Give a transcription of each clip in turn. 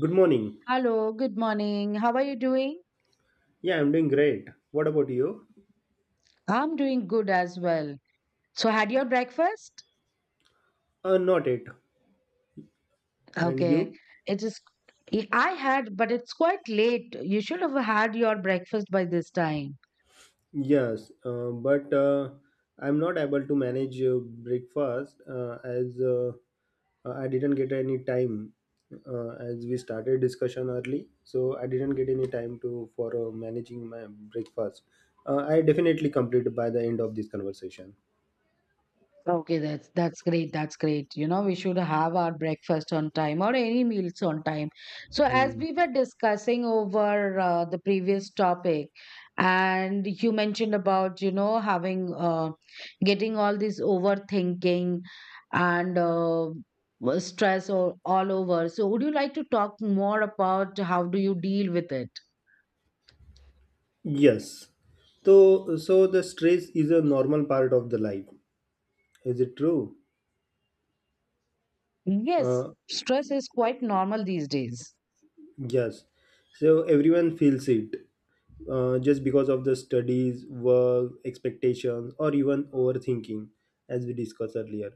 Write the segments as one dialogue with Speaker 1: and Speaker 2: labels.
Speaker 1: Good morning.
Speaker 2: Hello, good morning. How are you doing?
Speaker 1: Yeah, I'm doing great. What about you?
Speaker 2: I'm doing good as well. So, had your breakfast?
Speaker 1: Not it. And
Speaker 2: Okay.
Speaker 1: you?
Speaker 2: It is, I had, but it's quite late. You should have had your breakfast by this time.
Speaker 1: Yes, but I'm not able to manage breakfast as I didn't get any time as we started discussion early. So I didn't get any time to for managing my breakfast. I definitely complete by the end of this conversation.
Speaker 2: Okay, that's great. That's great. You know, we should have our breakfast on time or any meals on time. So, as
Speaker 1: Hmm.
Speaker 2: we were discussing over the previous topic, and you mentioned about having getting all this overthinking and stress all over. So, would you like to talk more about how do you deal with it?
Speaker 1: Yes. So the stress is a normal part of the life. Is it true?
Speaker 2: Yes,
Speaker 1: Uh,
Speaker 2: stress is quite normal these days.
Speaker 1: Yes, so everyone feels it just because of the studies, work, expectations, or even overthinking, as we discussed earlier.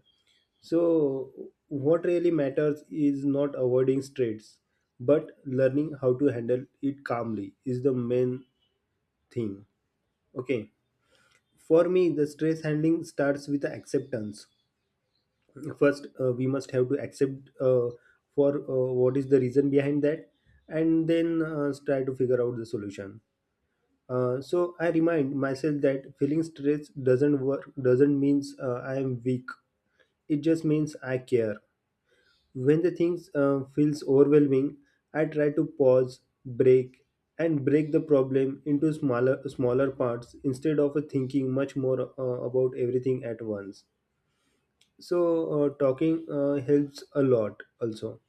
Speaker 1: So, what really matters is not avoiding stress, but learning how to handle it calmly is the main thing. Okay, for me, the stress handling starts with the acceptance. First, we must have to accept for what is the reason behind that, and then try to figure out the solution. So I remind myself that feeling stress doesn't means I am weak. It just means I care. When the things feels overwhelming, I try to pause, break, and break the problem into smaller parts instead of thinking much more about everything at once. So talking helps a lot also.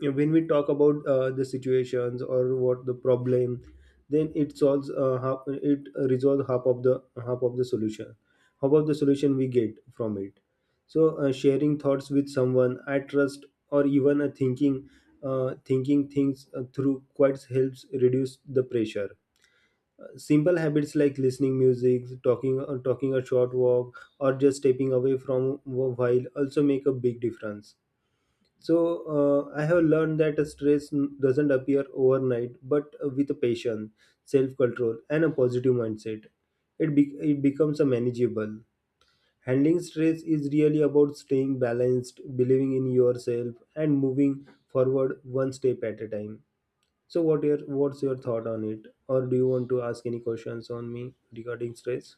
Speaker 1: Yeah, when we talk about the situations or what the problem, then it it resolves half of the solution, we get from it. So sharing thoughts with someone I trust, or even a thinking thinking things through, quite helps reduce the pressure. Simple habits like listening music, talking a short walk, or just stepping away from a while also make a big difference. So I have learned that doesn't appear overnight, but with a patience, self-control, and a positive mindset, it becomes a manageable. Handling stress is really about staying balanced, believing in yourself, and moving forward one step at a time. So what's your thought on it, or do you want to ask any questions on me regarding stress?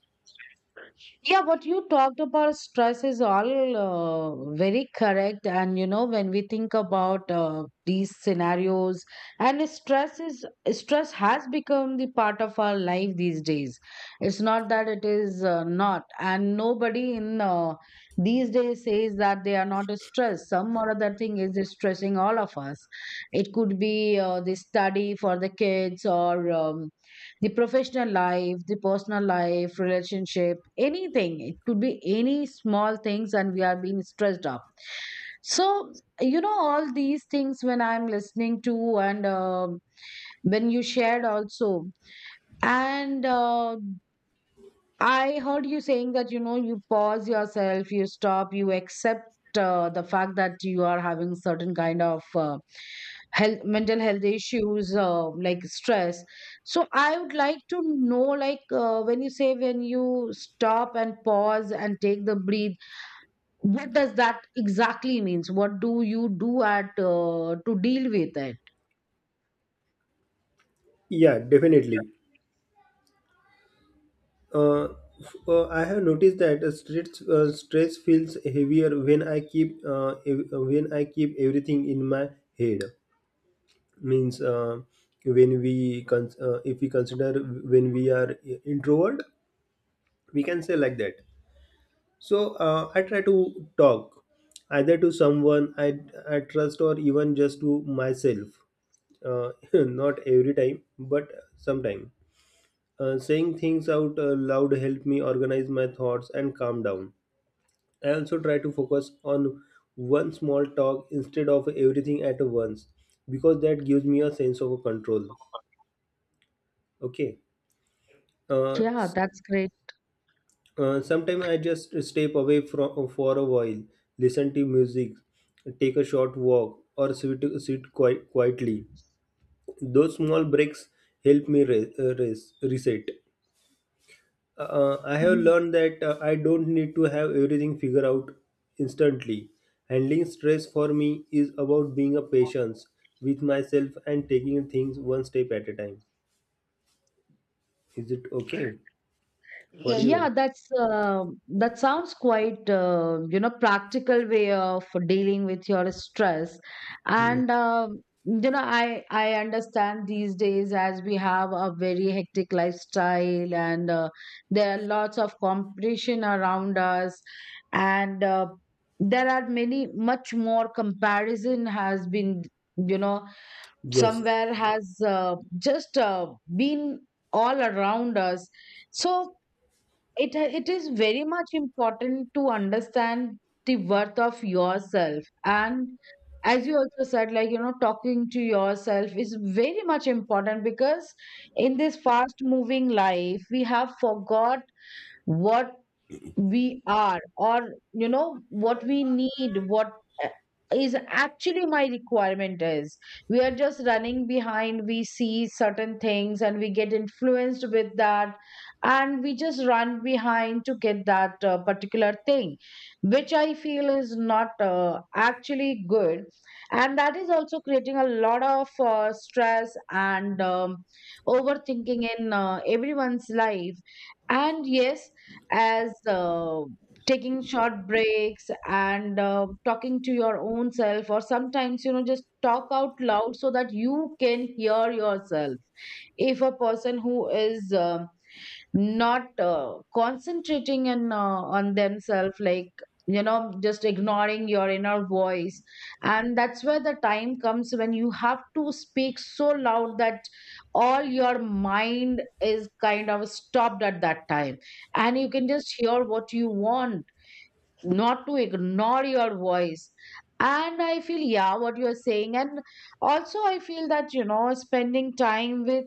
Speaker 2: Yeah, what you talked about stress is all very correct. And, you know, when we think about these scenarios, and stress has become the part of our life these days. It's not that it is not. And nobody in these days says that they are not stressed. Some or other thing is stressing all of us. It could be the study for the kids or the professional life, the personal life, relationship, anything. It could be any small things, and we are being stressed up. So, you know, all these things when I'm listening to, and when you shared also, and I heard you saying that you know you pause yourself, you stop, you accept the fact that you are having certain kind of health, mental health issues like stress. So I would like to know, like when you say when you stop and pause and take the breathe, what does that exactly means? What do you do at to deal with it?
Speaker 1: Yeah, definitely. Uh, I have noticed that stress feels heavier when I when I keep everything in my head. Means, when if we consider, when we are introvert, we can say like that. So I try to talk either to someone I trust or even just to myself. Not every time, but sometime. Saying things out loud help me organize my thoughts and calm down. I also try to focus on one small talk instead of everything at once, because that gives me a sense of control. Okay. Uh,
Speaker 2: Yeah,
Speaker 1: s-
Speaker 2: that's great.
Speaker 1: Sometimes I just step away from for a while, listen to music, take a short walk, or sit quite quietly. Those small breaks help me reset. I have learned that I don't need to have everything figured out instantly. Handling stress for me is about being a patient with myself and taking things one step at a time. Is it okay for
Speaker 2: Yeah,
Speaker 1: you?
Speaker 2: that's that sounds quite you know practical way of dealing with your stress, and you know I understand these days as we have a very hectic lifestyle and there are lots of competition around us, and there are many much more comparison has been you know
Speaker 1: Yes.
Speaker 2: somewhere has just been all around us, so it is very much important to understand the worth of yourself, and as you also said, like you know, talking to yourself is very much important because in this fast moving life we have forgot what we are, or you know what we need, what uh, is actually my requirement is, we are just running behind, we see certain things and we get influenced with that, and we just run behind to get that particular thing, which I feel is not actually good. And that is also creating a lot of stress and overthinking in everyone's life. And yes, as taking short breaks and talking to your own self, or sometimes you know just talk out loud so that you can hear yourself. If a person who is not concentrating and on themselves, like you know, just ignoring your inner voice, and that's where the time comes when you have to speak so loud that all your mind is kind of stopped at that time, and you can just hear what you want, not to ignore your voice. And I feel yeah what you are saying, and also I feel that you know spending time with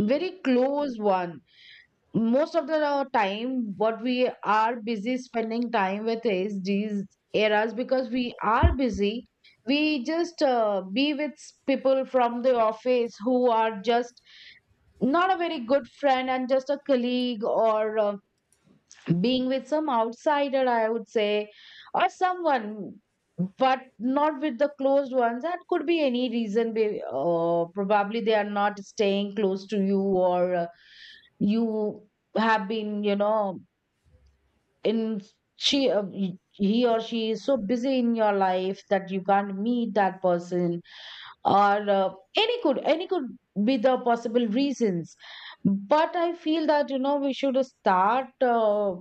Speaker 2: very close one. Most of the time, what we are busy spending time with is these eras because we are busy. We just be with people from the office who are just not a very good friend and just a colleague, or being with some outsider, I would say, or someone, but not with the closed ones. That could be any reason. Be, probably they are not staying close to you or. You have been you know in he or she is so busy in your life that you can't meet that person, or any could be the possible reasons. But I feel that you know we should start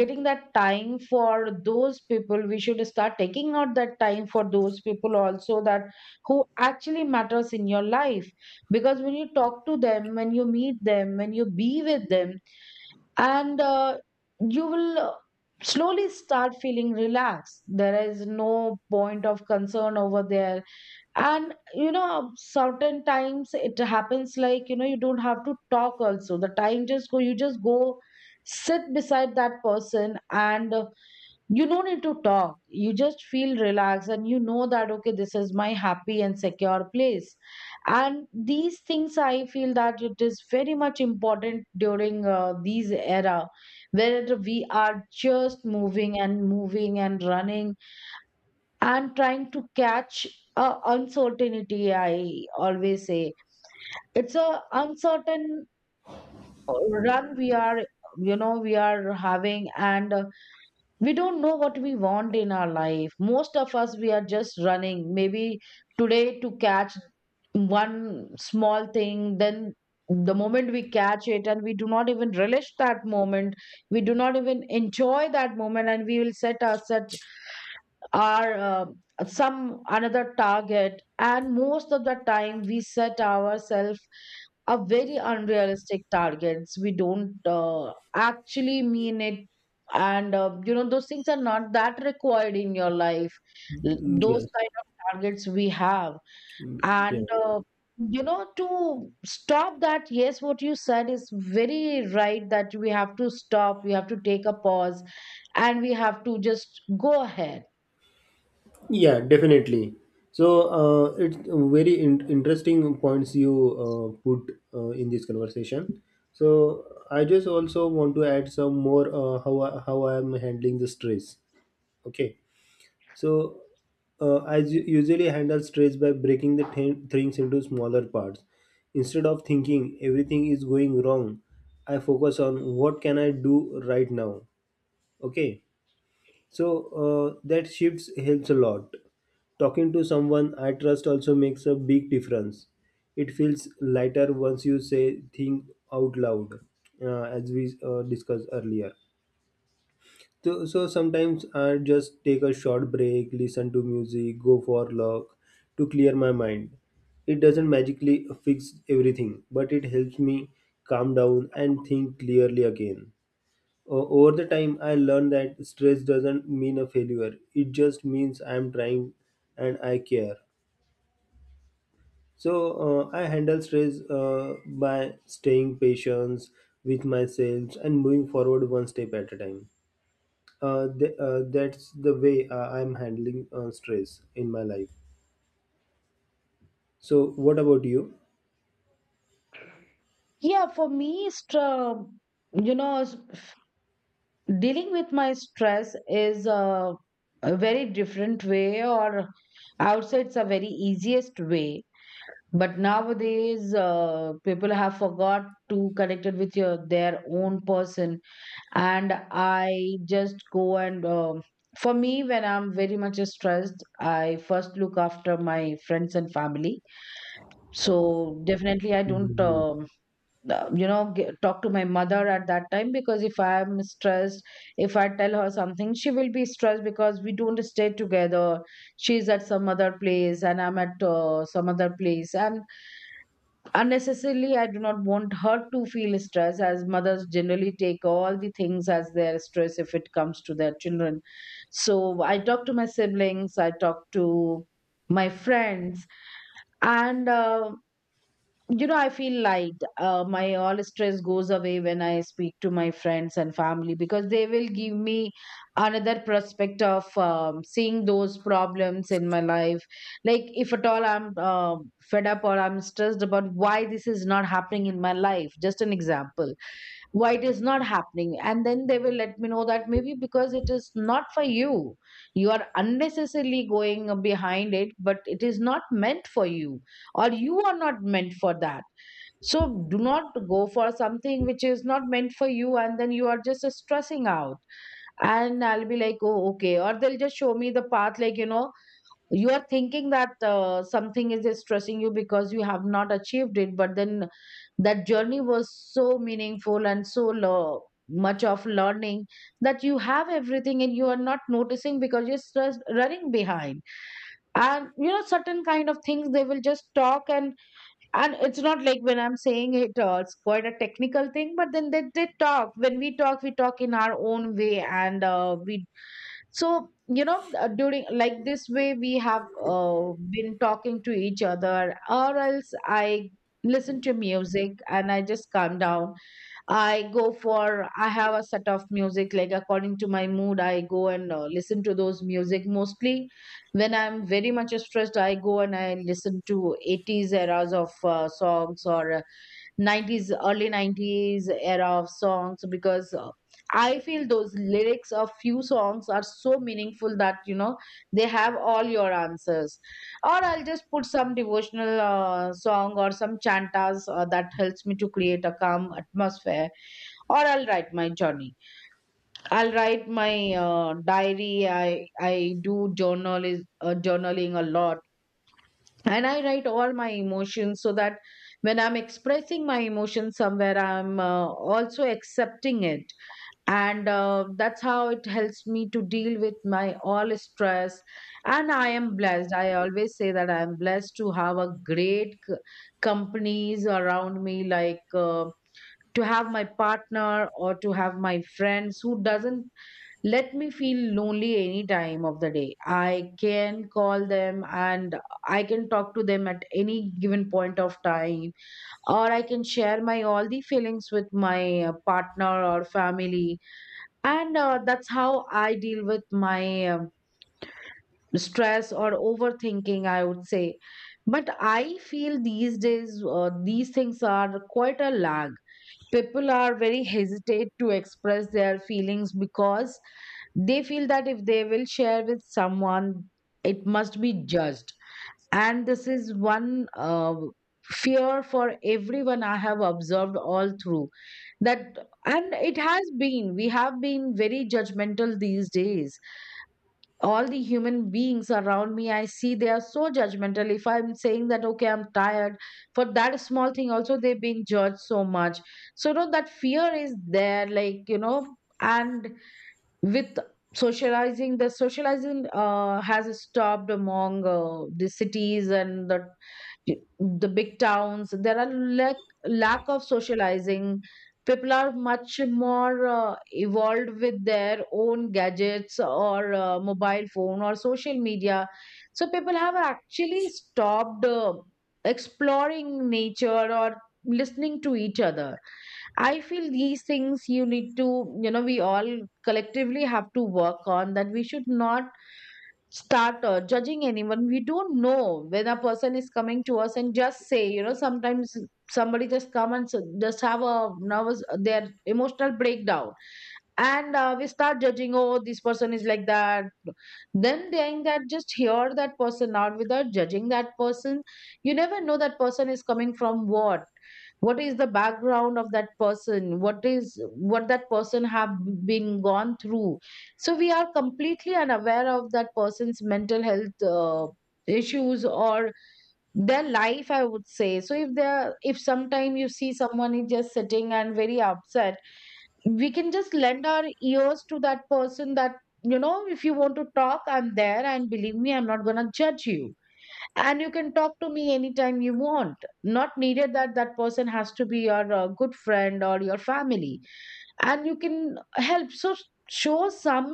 Speaker 2: getting that time for those people, we should start taking out that time for those people also, that who actually matters in your life, because when you talk to them, when you meet them, when you be with them, and you will slowly start feeling relaxed, there is no point of concern over there. And you know, certain times it happens like you know you don't have to talk also, the time just go, you just go sit beside that person, and you don't need to talk, you just feel relaxed and you know that okay, this is my happy and secure place. And these things I feel that it is very much important during these era, where we are just moving and moving and running and trying to catch a uncertainty, I always say it's a uncertain run we are, you know we are having. And we don't know what we want in our life, most of us we are just running, maybe today to catch one small thing, then the moment we catch it and we do not even relish that moment, we do not even enjoy that moment, and we will set our some another target. And most of the time we set ourselves are very unrealistic targets. We don't actually mean it. And, you know, those things are not that required in your life.
Speaker 1: Mm,
Speaker 2: Those
Speaker 1: yes.
Speaker 2: kind of targets we have.
Speaker 1: Mm. Yeah.
Speaker 2: And, you know, to stop that, yes, what you said is very right, that we have to stop, we have to take a pause, and we have to just go ahead.
Speaker 1: Yeah. Definitely. So it's very interesting points you put in this conversation. So I just also want to add some more, how I am handling the stress. Okay, so I usually handle stress by breaking the things into smaller parts. Instead of thinking everything is going wrong, I focus on what can I do right now. Okay, so that shifts helps a lot. Talking to someone I trust also makes a big difference. It feels lighter once you say things out loud, as we discussed earlier. So sometimes I just take a short break, listen to music, go for a walk to clear my mind. It doesn't magically fix everything, but it helps me calm down and think clearly again. Over the time, I learned that stress doesn't mean a failure. It just means I'm trying and I care. So I handle stress by staying patient with myself and moving forward one step at a time. That's the way I'm handling stress in my life. So what about you?
Speaker 2: Yeah, for me, it's, you know, dealing with my stress is a very different way, or outside's a very easiest way, but nowadays people have forgot to connect it with your their own person, and I just go and for me when I'm very much stressed I first look after my friends and family. So definitely I don't
Speaker 1: Mhm.
Speaker 2: you know talk to my mother at that time, because if I am stressed, if I tell her something she will be stressed, because we don't stay together, she's at some other place and I'm at some other place, and unnecessarily I do not want her to feel stress. As mothers generally take all the things as their stress if it comes to their children. So I talk to my siblings, I talk to my friends, and you know I feel like my all stress goes away when I speak to my friends and family, because they will give me another prospect of seeing those problems in my life. Like if at all I'm fed up or I'm stressed about why this is not happening in my life, just an example, why it is not happening, and then they will let me know that maybe because it is not for you, you are unnecessarily going behind it but it is not meant for you, or you are not meant for that. So do not go for something which is not meant for you, and then you are just stressing out. And I'll be like, oh, okay. Or they'll just show me the path, like, you know, you are thinking that something is stressing you because you have not achieved it. But then that journey was so meaningful and so much of learning, that you have everything and you are not noticing because you're stressed, running behind. And, you know, certain kind of things they will just talk and it's not like when I'm saying it it's quite a technical thing but then they talk when we talk in our own way and we so you know during like this way we have been talking to each other or else I listen to music and I just calm down. I go for I have a set of music like according to my mood I go and listen to those music mostly when I'm very much stressed I go and I listen to 80s eras of songs or 90s early 90s era of songs because I feel those lyrics of few songs are so meaningful that you know they have all your answers. Or I'll just put some devotional song or some chantas that helps me to create a calm atmosphere. Or I'll write my journey, I'll write my diary, I do journal, journaling a lot. And I write all my emotions so that when I'm expressing my emotions somewhere I'm also accepting it. And that's how it helps me to deal with my all stress. And I am blessed, I always say that I am blessed to have a great companies around me, like to have my partner or to have my friends who doesn't let me feel lonely any time of the day. I can call them and I can talk to them at any given point of time, or I can share my all the feelings with my partner or family. And that's how I deal with my stress or overthinking, I would say. But I feel these days these things are quite a lag. People are very hesitate to express their feelings because they feel that if they will share with someone, it must be judged. And this is one fear for everyone I have observed all through that, and it has been, we have been very judgmental these days. All the human beings around me, I see they are so judgmental. If I'm saying that, okay, I'm tired, for that small thing, also they're being judged so much. So, no, that fear is there, like, you know, and with socializing the socializing has stopped among the cities and the big towns. There are lack, lack of socializing. People are much more evolved with their own gadgets or mobile phone or social media, so people have actually stopped exploring nature or listening to each other. I feel these things you need to, you know, we all collectively have to work on that. We should not start judging anyone. We don't know when a person is coming to us and just say, you know, sometimes somebody just come and just have a nervous, their emotional breakdown, and we start judging, oh, this person is like that. Then saying that, just hear that person out without judging that person. You never know that person is coming from what is the background of that person, what is what that person have been gone through. So we are completely unaware of that person's mental health issues or their life, I would say. So if they're if sometime you see someone is just sitting and very upset, we can just lend our ears to that person that, you know, if you want to talk, I'm there and believe me, I'm not going to judge you and you can talk to me anytime you want. Not needed that that person has to be your good friend or your family and you can help. So show some,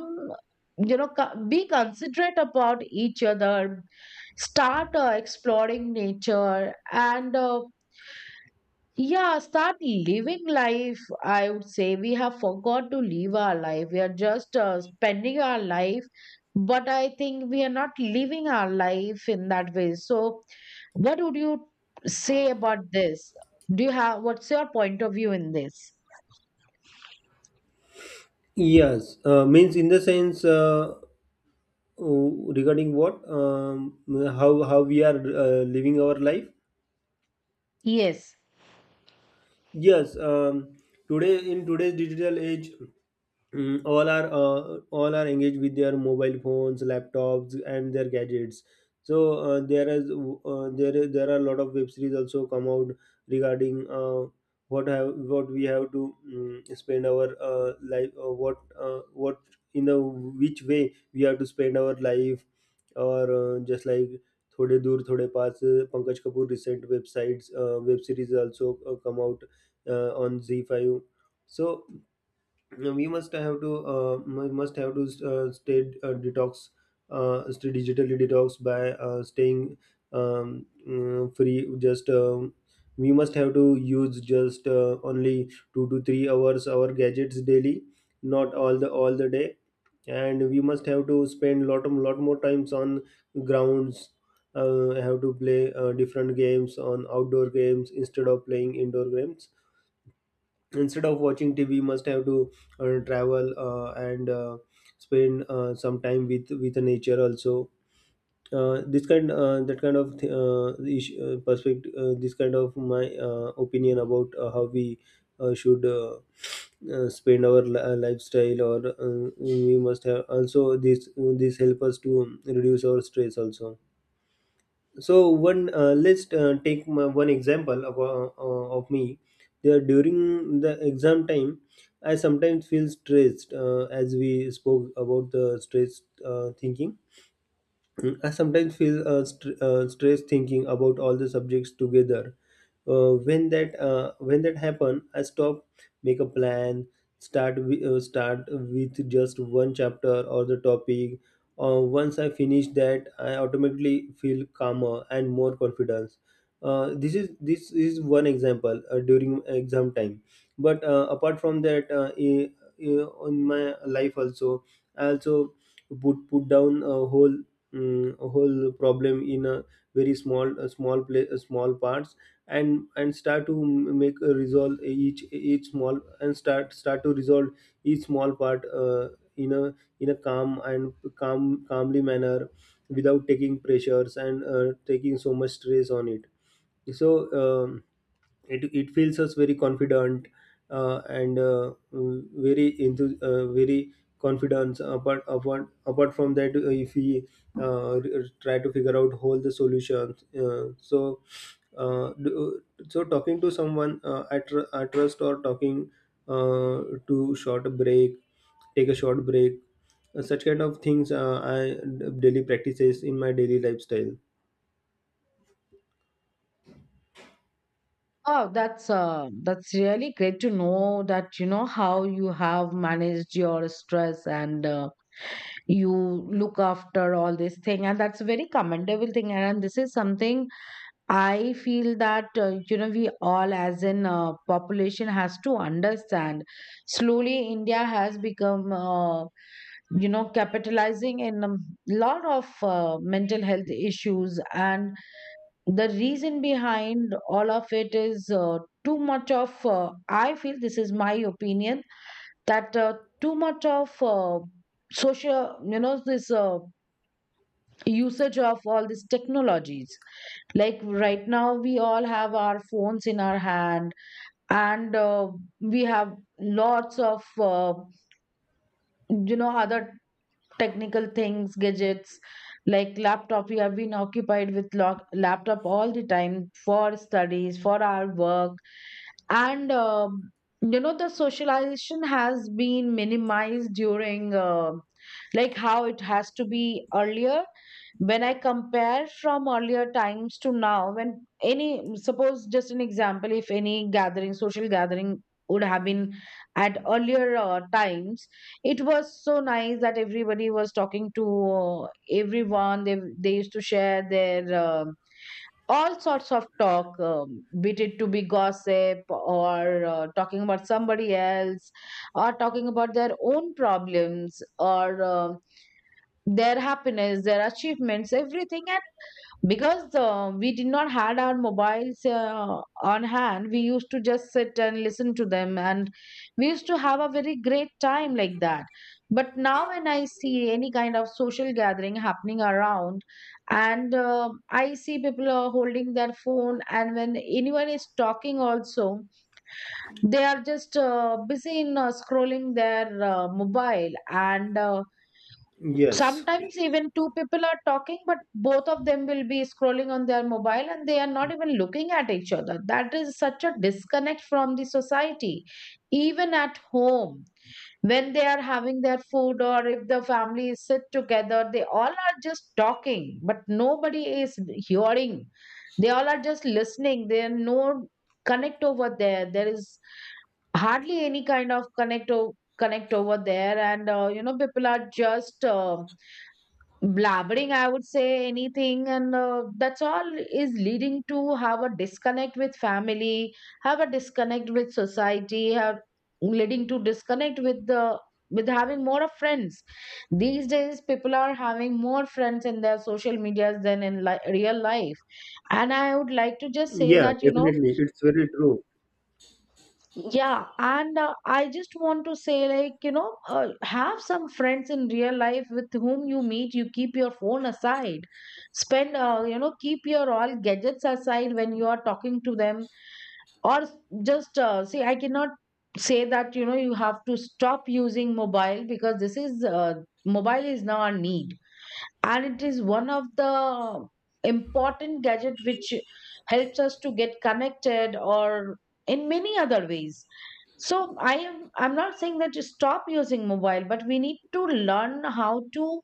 Speaker 2: you know, be considerate about each other. Start exploring nature and yeah, start living life. I would say we have forgot to live our life. We are just spending our life, but I think we are not living our life in that way. So, what would you say about this? Do you have what's your point of view in this?
Speaker 1: Yes, means in the sense, regarding what, how we are living our life.
Speaker 2: Yes.
Speaker 1: Yes, today in today's digital age, all are engaged with their mobile phones, laptops, and their gadgets. So there are a lot of web series also come out regarding, what we have to spend our life, what in the which way we have to spend our life, or just like. थोड़े दूर थोड़े पास Pankaj Kapoor recent web series also come out on Z5. So we must have to stay stay digitally detox by staying free. Just, we must have to use just only 2 to 3 hours our gadgets daily, not all the day. And we must have to spend lot more times on grounds. Have to play different games on outdoor games, instead of playing indoor games, instead of watching TV. Must have to travel and spend some time with the nature also. This kind That kind of perspective, this kind of my opinion about how we should spend our lifestyle, or we must have also this help us to reduce our stress also. So one, let's take one example of me. There, during the exam time, I sometimes feel stressed, as we spoke about the stress thinking. I sometimes feel stress thinking about all the subjects together. When that happen, I stop, make a plan, start with just one chapter or the topic. Once I finish that, I automatically feel calmer and more confidence. This is one example during exam time. But apart from that, in my life also, I also put down a whole, whole problem in a very small a small play a small parts, and start to make a resolve each small, and start to resolve each small part, in a in a calm and calmly manner, without taking pressures and taking so much stress on it. So um, it feels us very confident, and very into, very confidence. Apart from that, if we try to figure out all the solutions, uh, do- so talking to someone, I trust, or talking to short break take a short break, such kind of things, daily practices in my daily lifestyle.
Speaker 2: Oh, that's really great to know that you know how you have managed your stress and you look after all this thing, and that's a very commendable thing. And this is something I feel that you know we all, as in population, has to understand. Slowly, India has become you know capitalizing in a lot of mental health issues, and the reason behind all of it is too much of I feel this is my opinion that too much of social you know this usage of all these technologies. Like right now we all have our phones in our hand, and we have lots of you know other technical things gadgets like laptop. We have been occupied with laptop all the time for studies, for our work. And you know the socialization has been minimized during like how it has to be earlier. When I compare from earlier times to now, when any suppose just an example, if any gathering social gathering would have been at earlier times, it was so nice that everybody was talking to everyone. They used to share their all sorts of talk, be it to be gossip or talking about somebody else, or talking about their own problems, or their happiness, their achievements, everything. Because we did not had our mobiles on hand, we used to just sit and listen to them and we used to have a very great time like that. But now when I see any kind of social gathering happening around, and I see people are holding their phone and when anyone is talking also, they are just busy in scrolling their mobile, and
Speaker 1: Yes.
Speaker 2: sometimes even two people are talking, but both of them will be scrolling on their mobile and they are not even looking at each other. That is such a disconnect from the society. Even at home, when they are having their food or if the family is sit together, they all are just talking, but nobody is hearing. They all are just listening. There are no connect over there. There is hardly any kind of connect over there, and you know people are just. Blabbering, I would say, anything, and that's all is leading to have a disconnect with family, have a disconnect with society, have leading to disconnect with the with having more of friends. These days people are having more friends in their social medias than in real life. And I would like to just say
Speaker 1: Yeah,
Speaker 2: that, you know,
Speaker 1: definitely, it's very true.
Speaker 2: yeah, and I just want to say, like, you know, have some friends in real life with whom you meet. You keep your phone aside. Spend, you know, keep your all gadgets aside when you are talking to them. Or s- just see, I cannot say that, you know, you have to stop using mobile, because this is, mobile is now a need and it is one of the important gadget which helps us to get connected or in many other ways. So I am I'm not saying that you stop using mobile, but we need to learn how to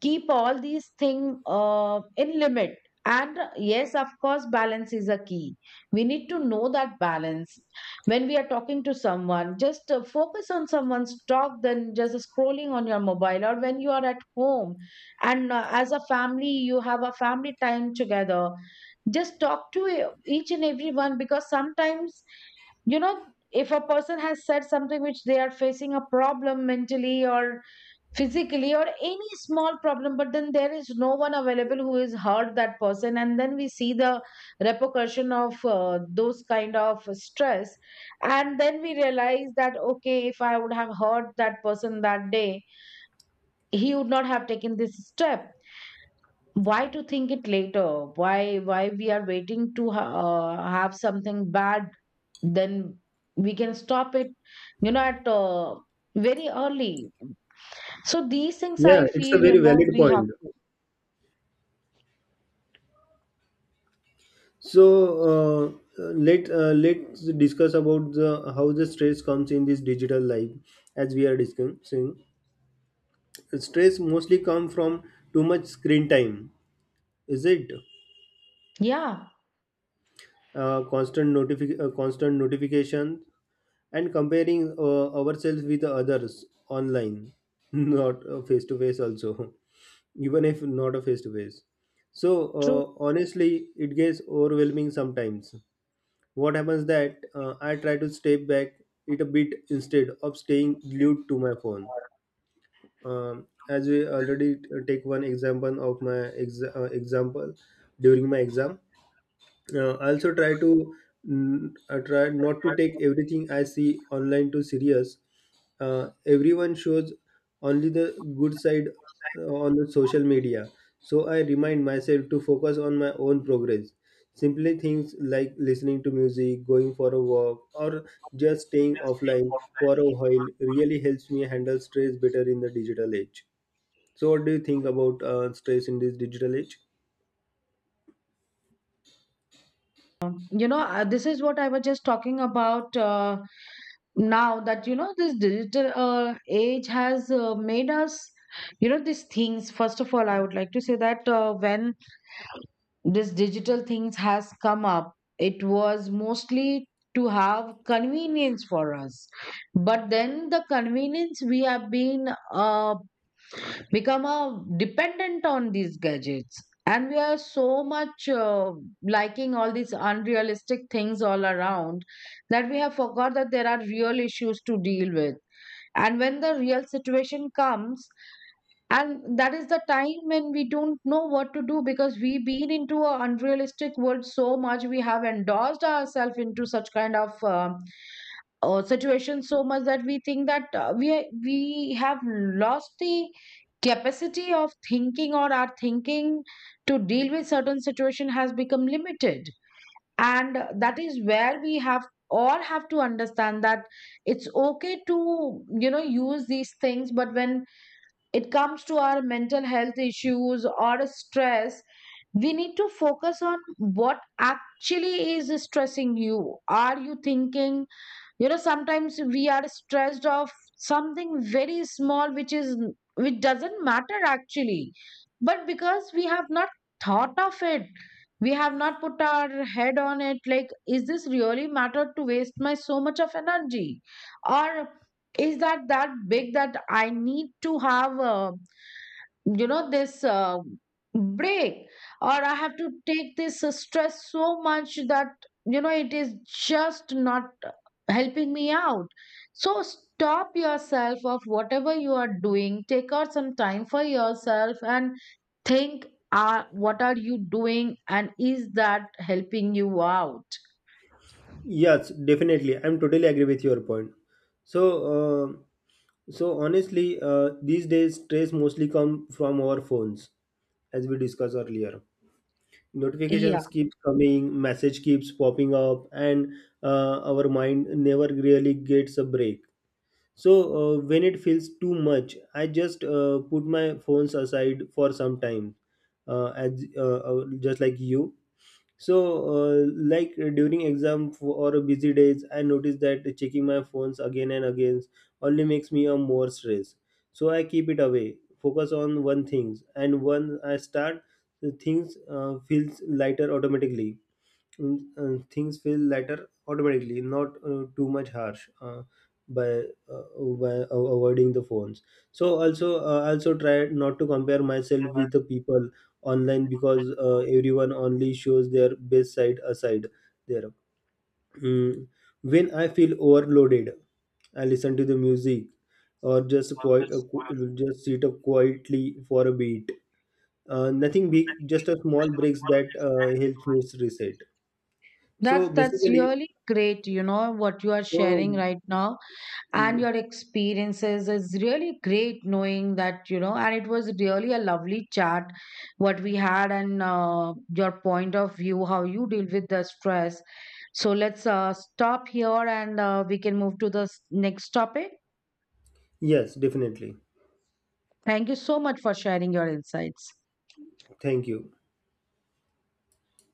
Speaker 2: keep all these things in limit. And yes, of course, balance is a key. We need to know that balance. When we are talking to someone, just focus on someone's talk than just scrolling on your mobile. Or when you are at home and as a family you have a family time together, just talk to each and everyone. Because sometimes you know if a person has said something which they are facing a problem mentally or physically or any small problem, but then there is no one available who is hurt that person, and then we see the repercussion of those kind of stress. And then we realize that okay, if I would have hurt that person that day, he would not have taken this step. Why to think it later? Why we are waiting to have something bad, then we can stop it, you know, at very early. So these things
Speaker 1: Yeah,
Speaker 2: I
Speaker 1: it's
Speaker 2: feel,
Speaker 1: a
Speaker 2: you
Speaker 1: very
Speaker 2: know,
Speaker 1: valid
Speaker 2: we have
Speaker 1: point.
Speaker 2: to.
Speaker 1: So uh, let's discuss about the how the stress comes in this digital life, as we are discussing. Stress mostly come from too much screen time, is it?
Speaker 2: Yeah,
Speaker 1: Constant notification, and comparing ourselves with others online, not face to face also, even if not a face to face. So
Speaker 2: true.
Speaker 1: honestly, it gets overwhelming sometimes. What happens that I try to step back it a bit instead of staying glued to my phone. As we already take one example of example during my exam, uh, I also try to I try not to take everything I see online too serious. Everyone shows only the good side on the social media, so I remind myself to focus on my own progress. Simply things like listening to music, going for a walk, or just staying offline for a while really helps me handle stress better in the digital age. So, what do you think about stress in this digital age?
Speaker 2: You know, this is what I was just talking about now, that, you know, this digital age has made us, you know, these things. First of all, I would like to say that when this digital things has come up, it was mostly to have convenience for us. But then the convenience we have been become a dependent on these gadgets, and we are so much liking all these unrealistic things all around, that we have forgot that there are real issues to deal with. And when the real situation comes, and that is the time when we don't know what to do, because we've been into an unrealistic world so much, we have endorsed ourselves into such kind of situation so much that we think that we have lost the capacity of thinking, or our thinking to deal with certain situation has become limited. And that is where we have all have to understand that it's okay to, you know, use these things, but when it comes to our mental health issues or stress, we need to focus on what actually is stressing you. Are you thinking, you know, sometimes we are stressed of something very small which is which doesn't matter actually, but because we have not thought of it, we have not put our head on it, like, is this really matter to waste my so much of energy? Or is that big that I need to have you know this break, or I have to take this stress so much that, you know, it is just not helping me out. So stop yourself of whatever you are doing, take out some time for yourself and think what are you doing and is that helping you out.
Speaker 1: Yes, definitely. I'm totally agree with your point. So, uh, honestly, these days stress mostly come from our phones, as we discussed earlier.
Speaker 2: Yeah.
Speaker 1: Notifications keep coming, message keeps popping up, and our mind never really gets a break. So, when it feels too much, I just put my phones aside for some time, as just like you. So like during or busy days, I notice that checking my phones again and again only makes me a more stress. So I keep it away, focus on one things, and when I start, the things feels lighter automatically. Things feel lighter automatically, not too much harsh, by uh, by avoiding the phones. So also I also try not to compare myself with the people online, because everyone only shows their best side aside there. Mm, when I feel overloaded, I listen to the music, or just just sit up quietly for a beat. Nothing big, just a small breaks that helps me reset.
Speaker 2: that's
Speaker 1: So
Speaker 2: that's
Speaker 1: basically.
Speaker 2: really great, you know, what you are
Speaker 1: So,
Speaker 2: sharing right now, and
Speaker 1: mm,
Speaker 2: your experiences is really great, knowing that, you know, and it was really a lovely chat what we had, and your point of view how you deal with the stress. So let's stop here and we can move to the next topic.
Speaker 1: yes, definitely.
Speaker 2: Thank you so much for sharing your insights.
Speaker 1: Thank you.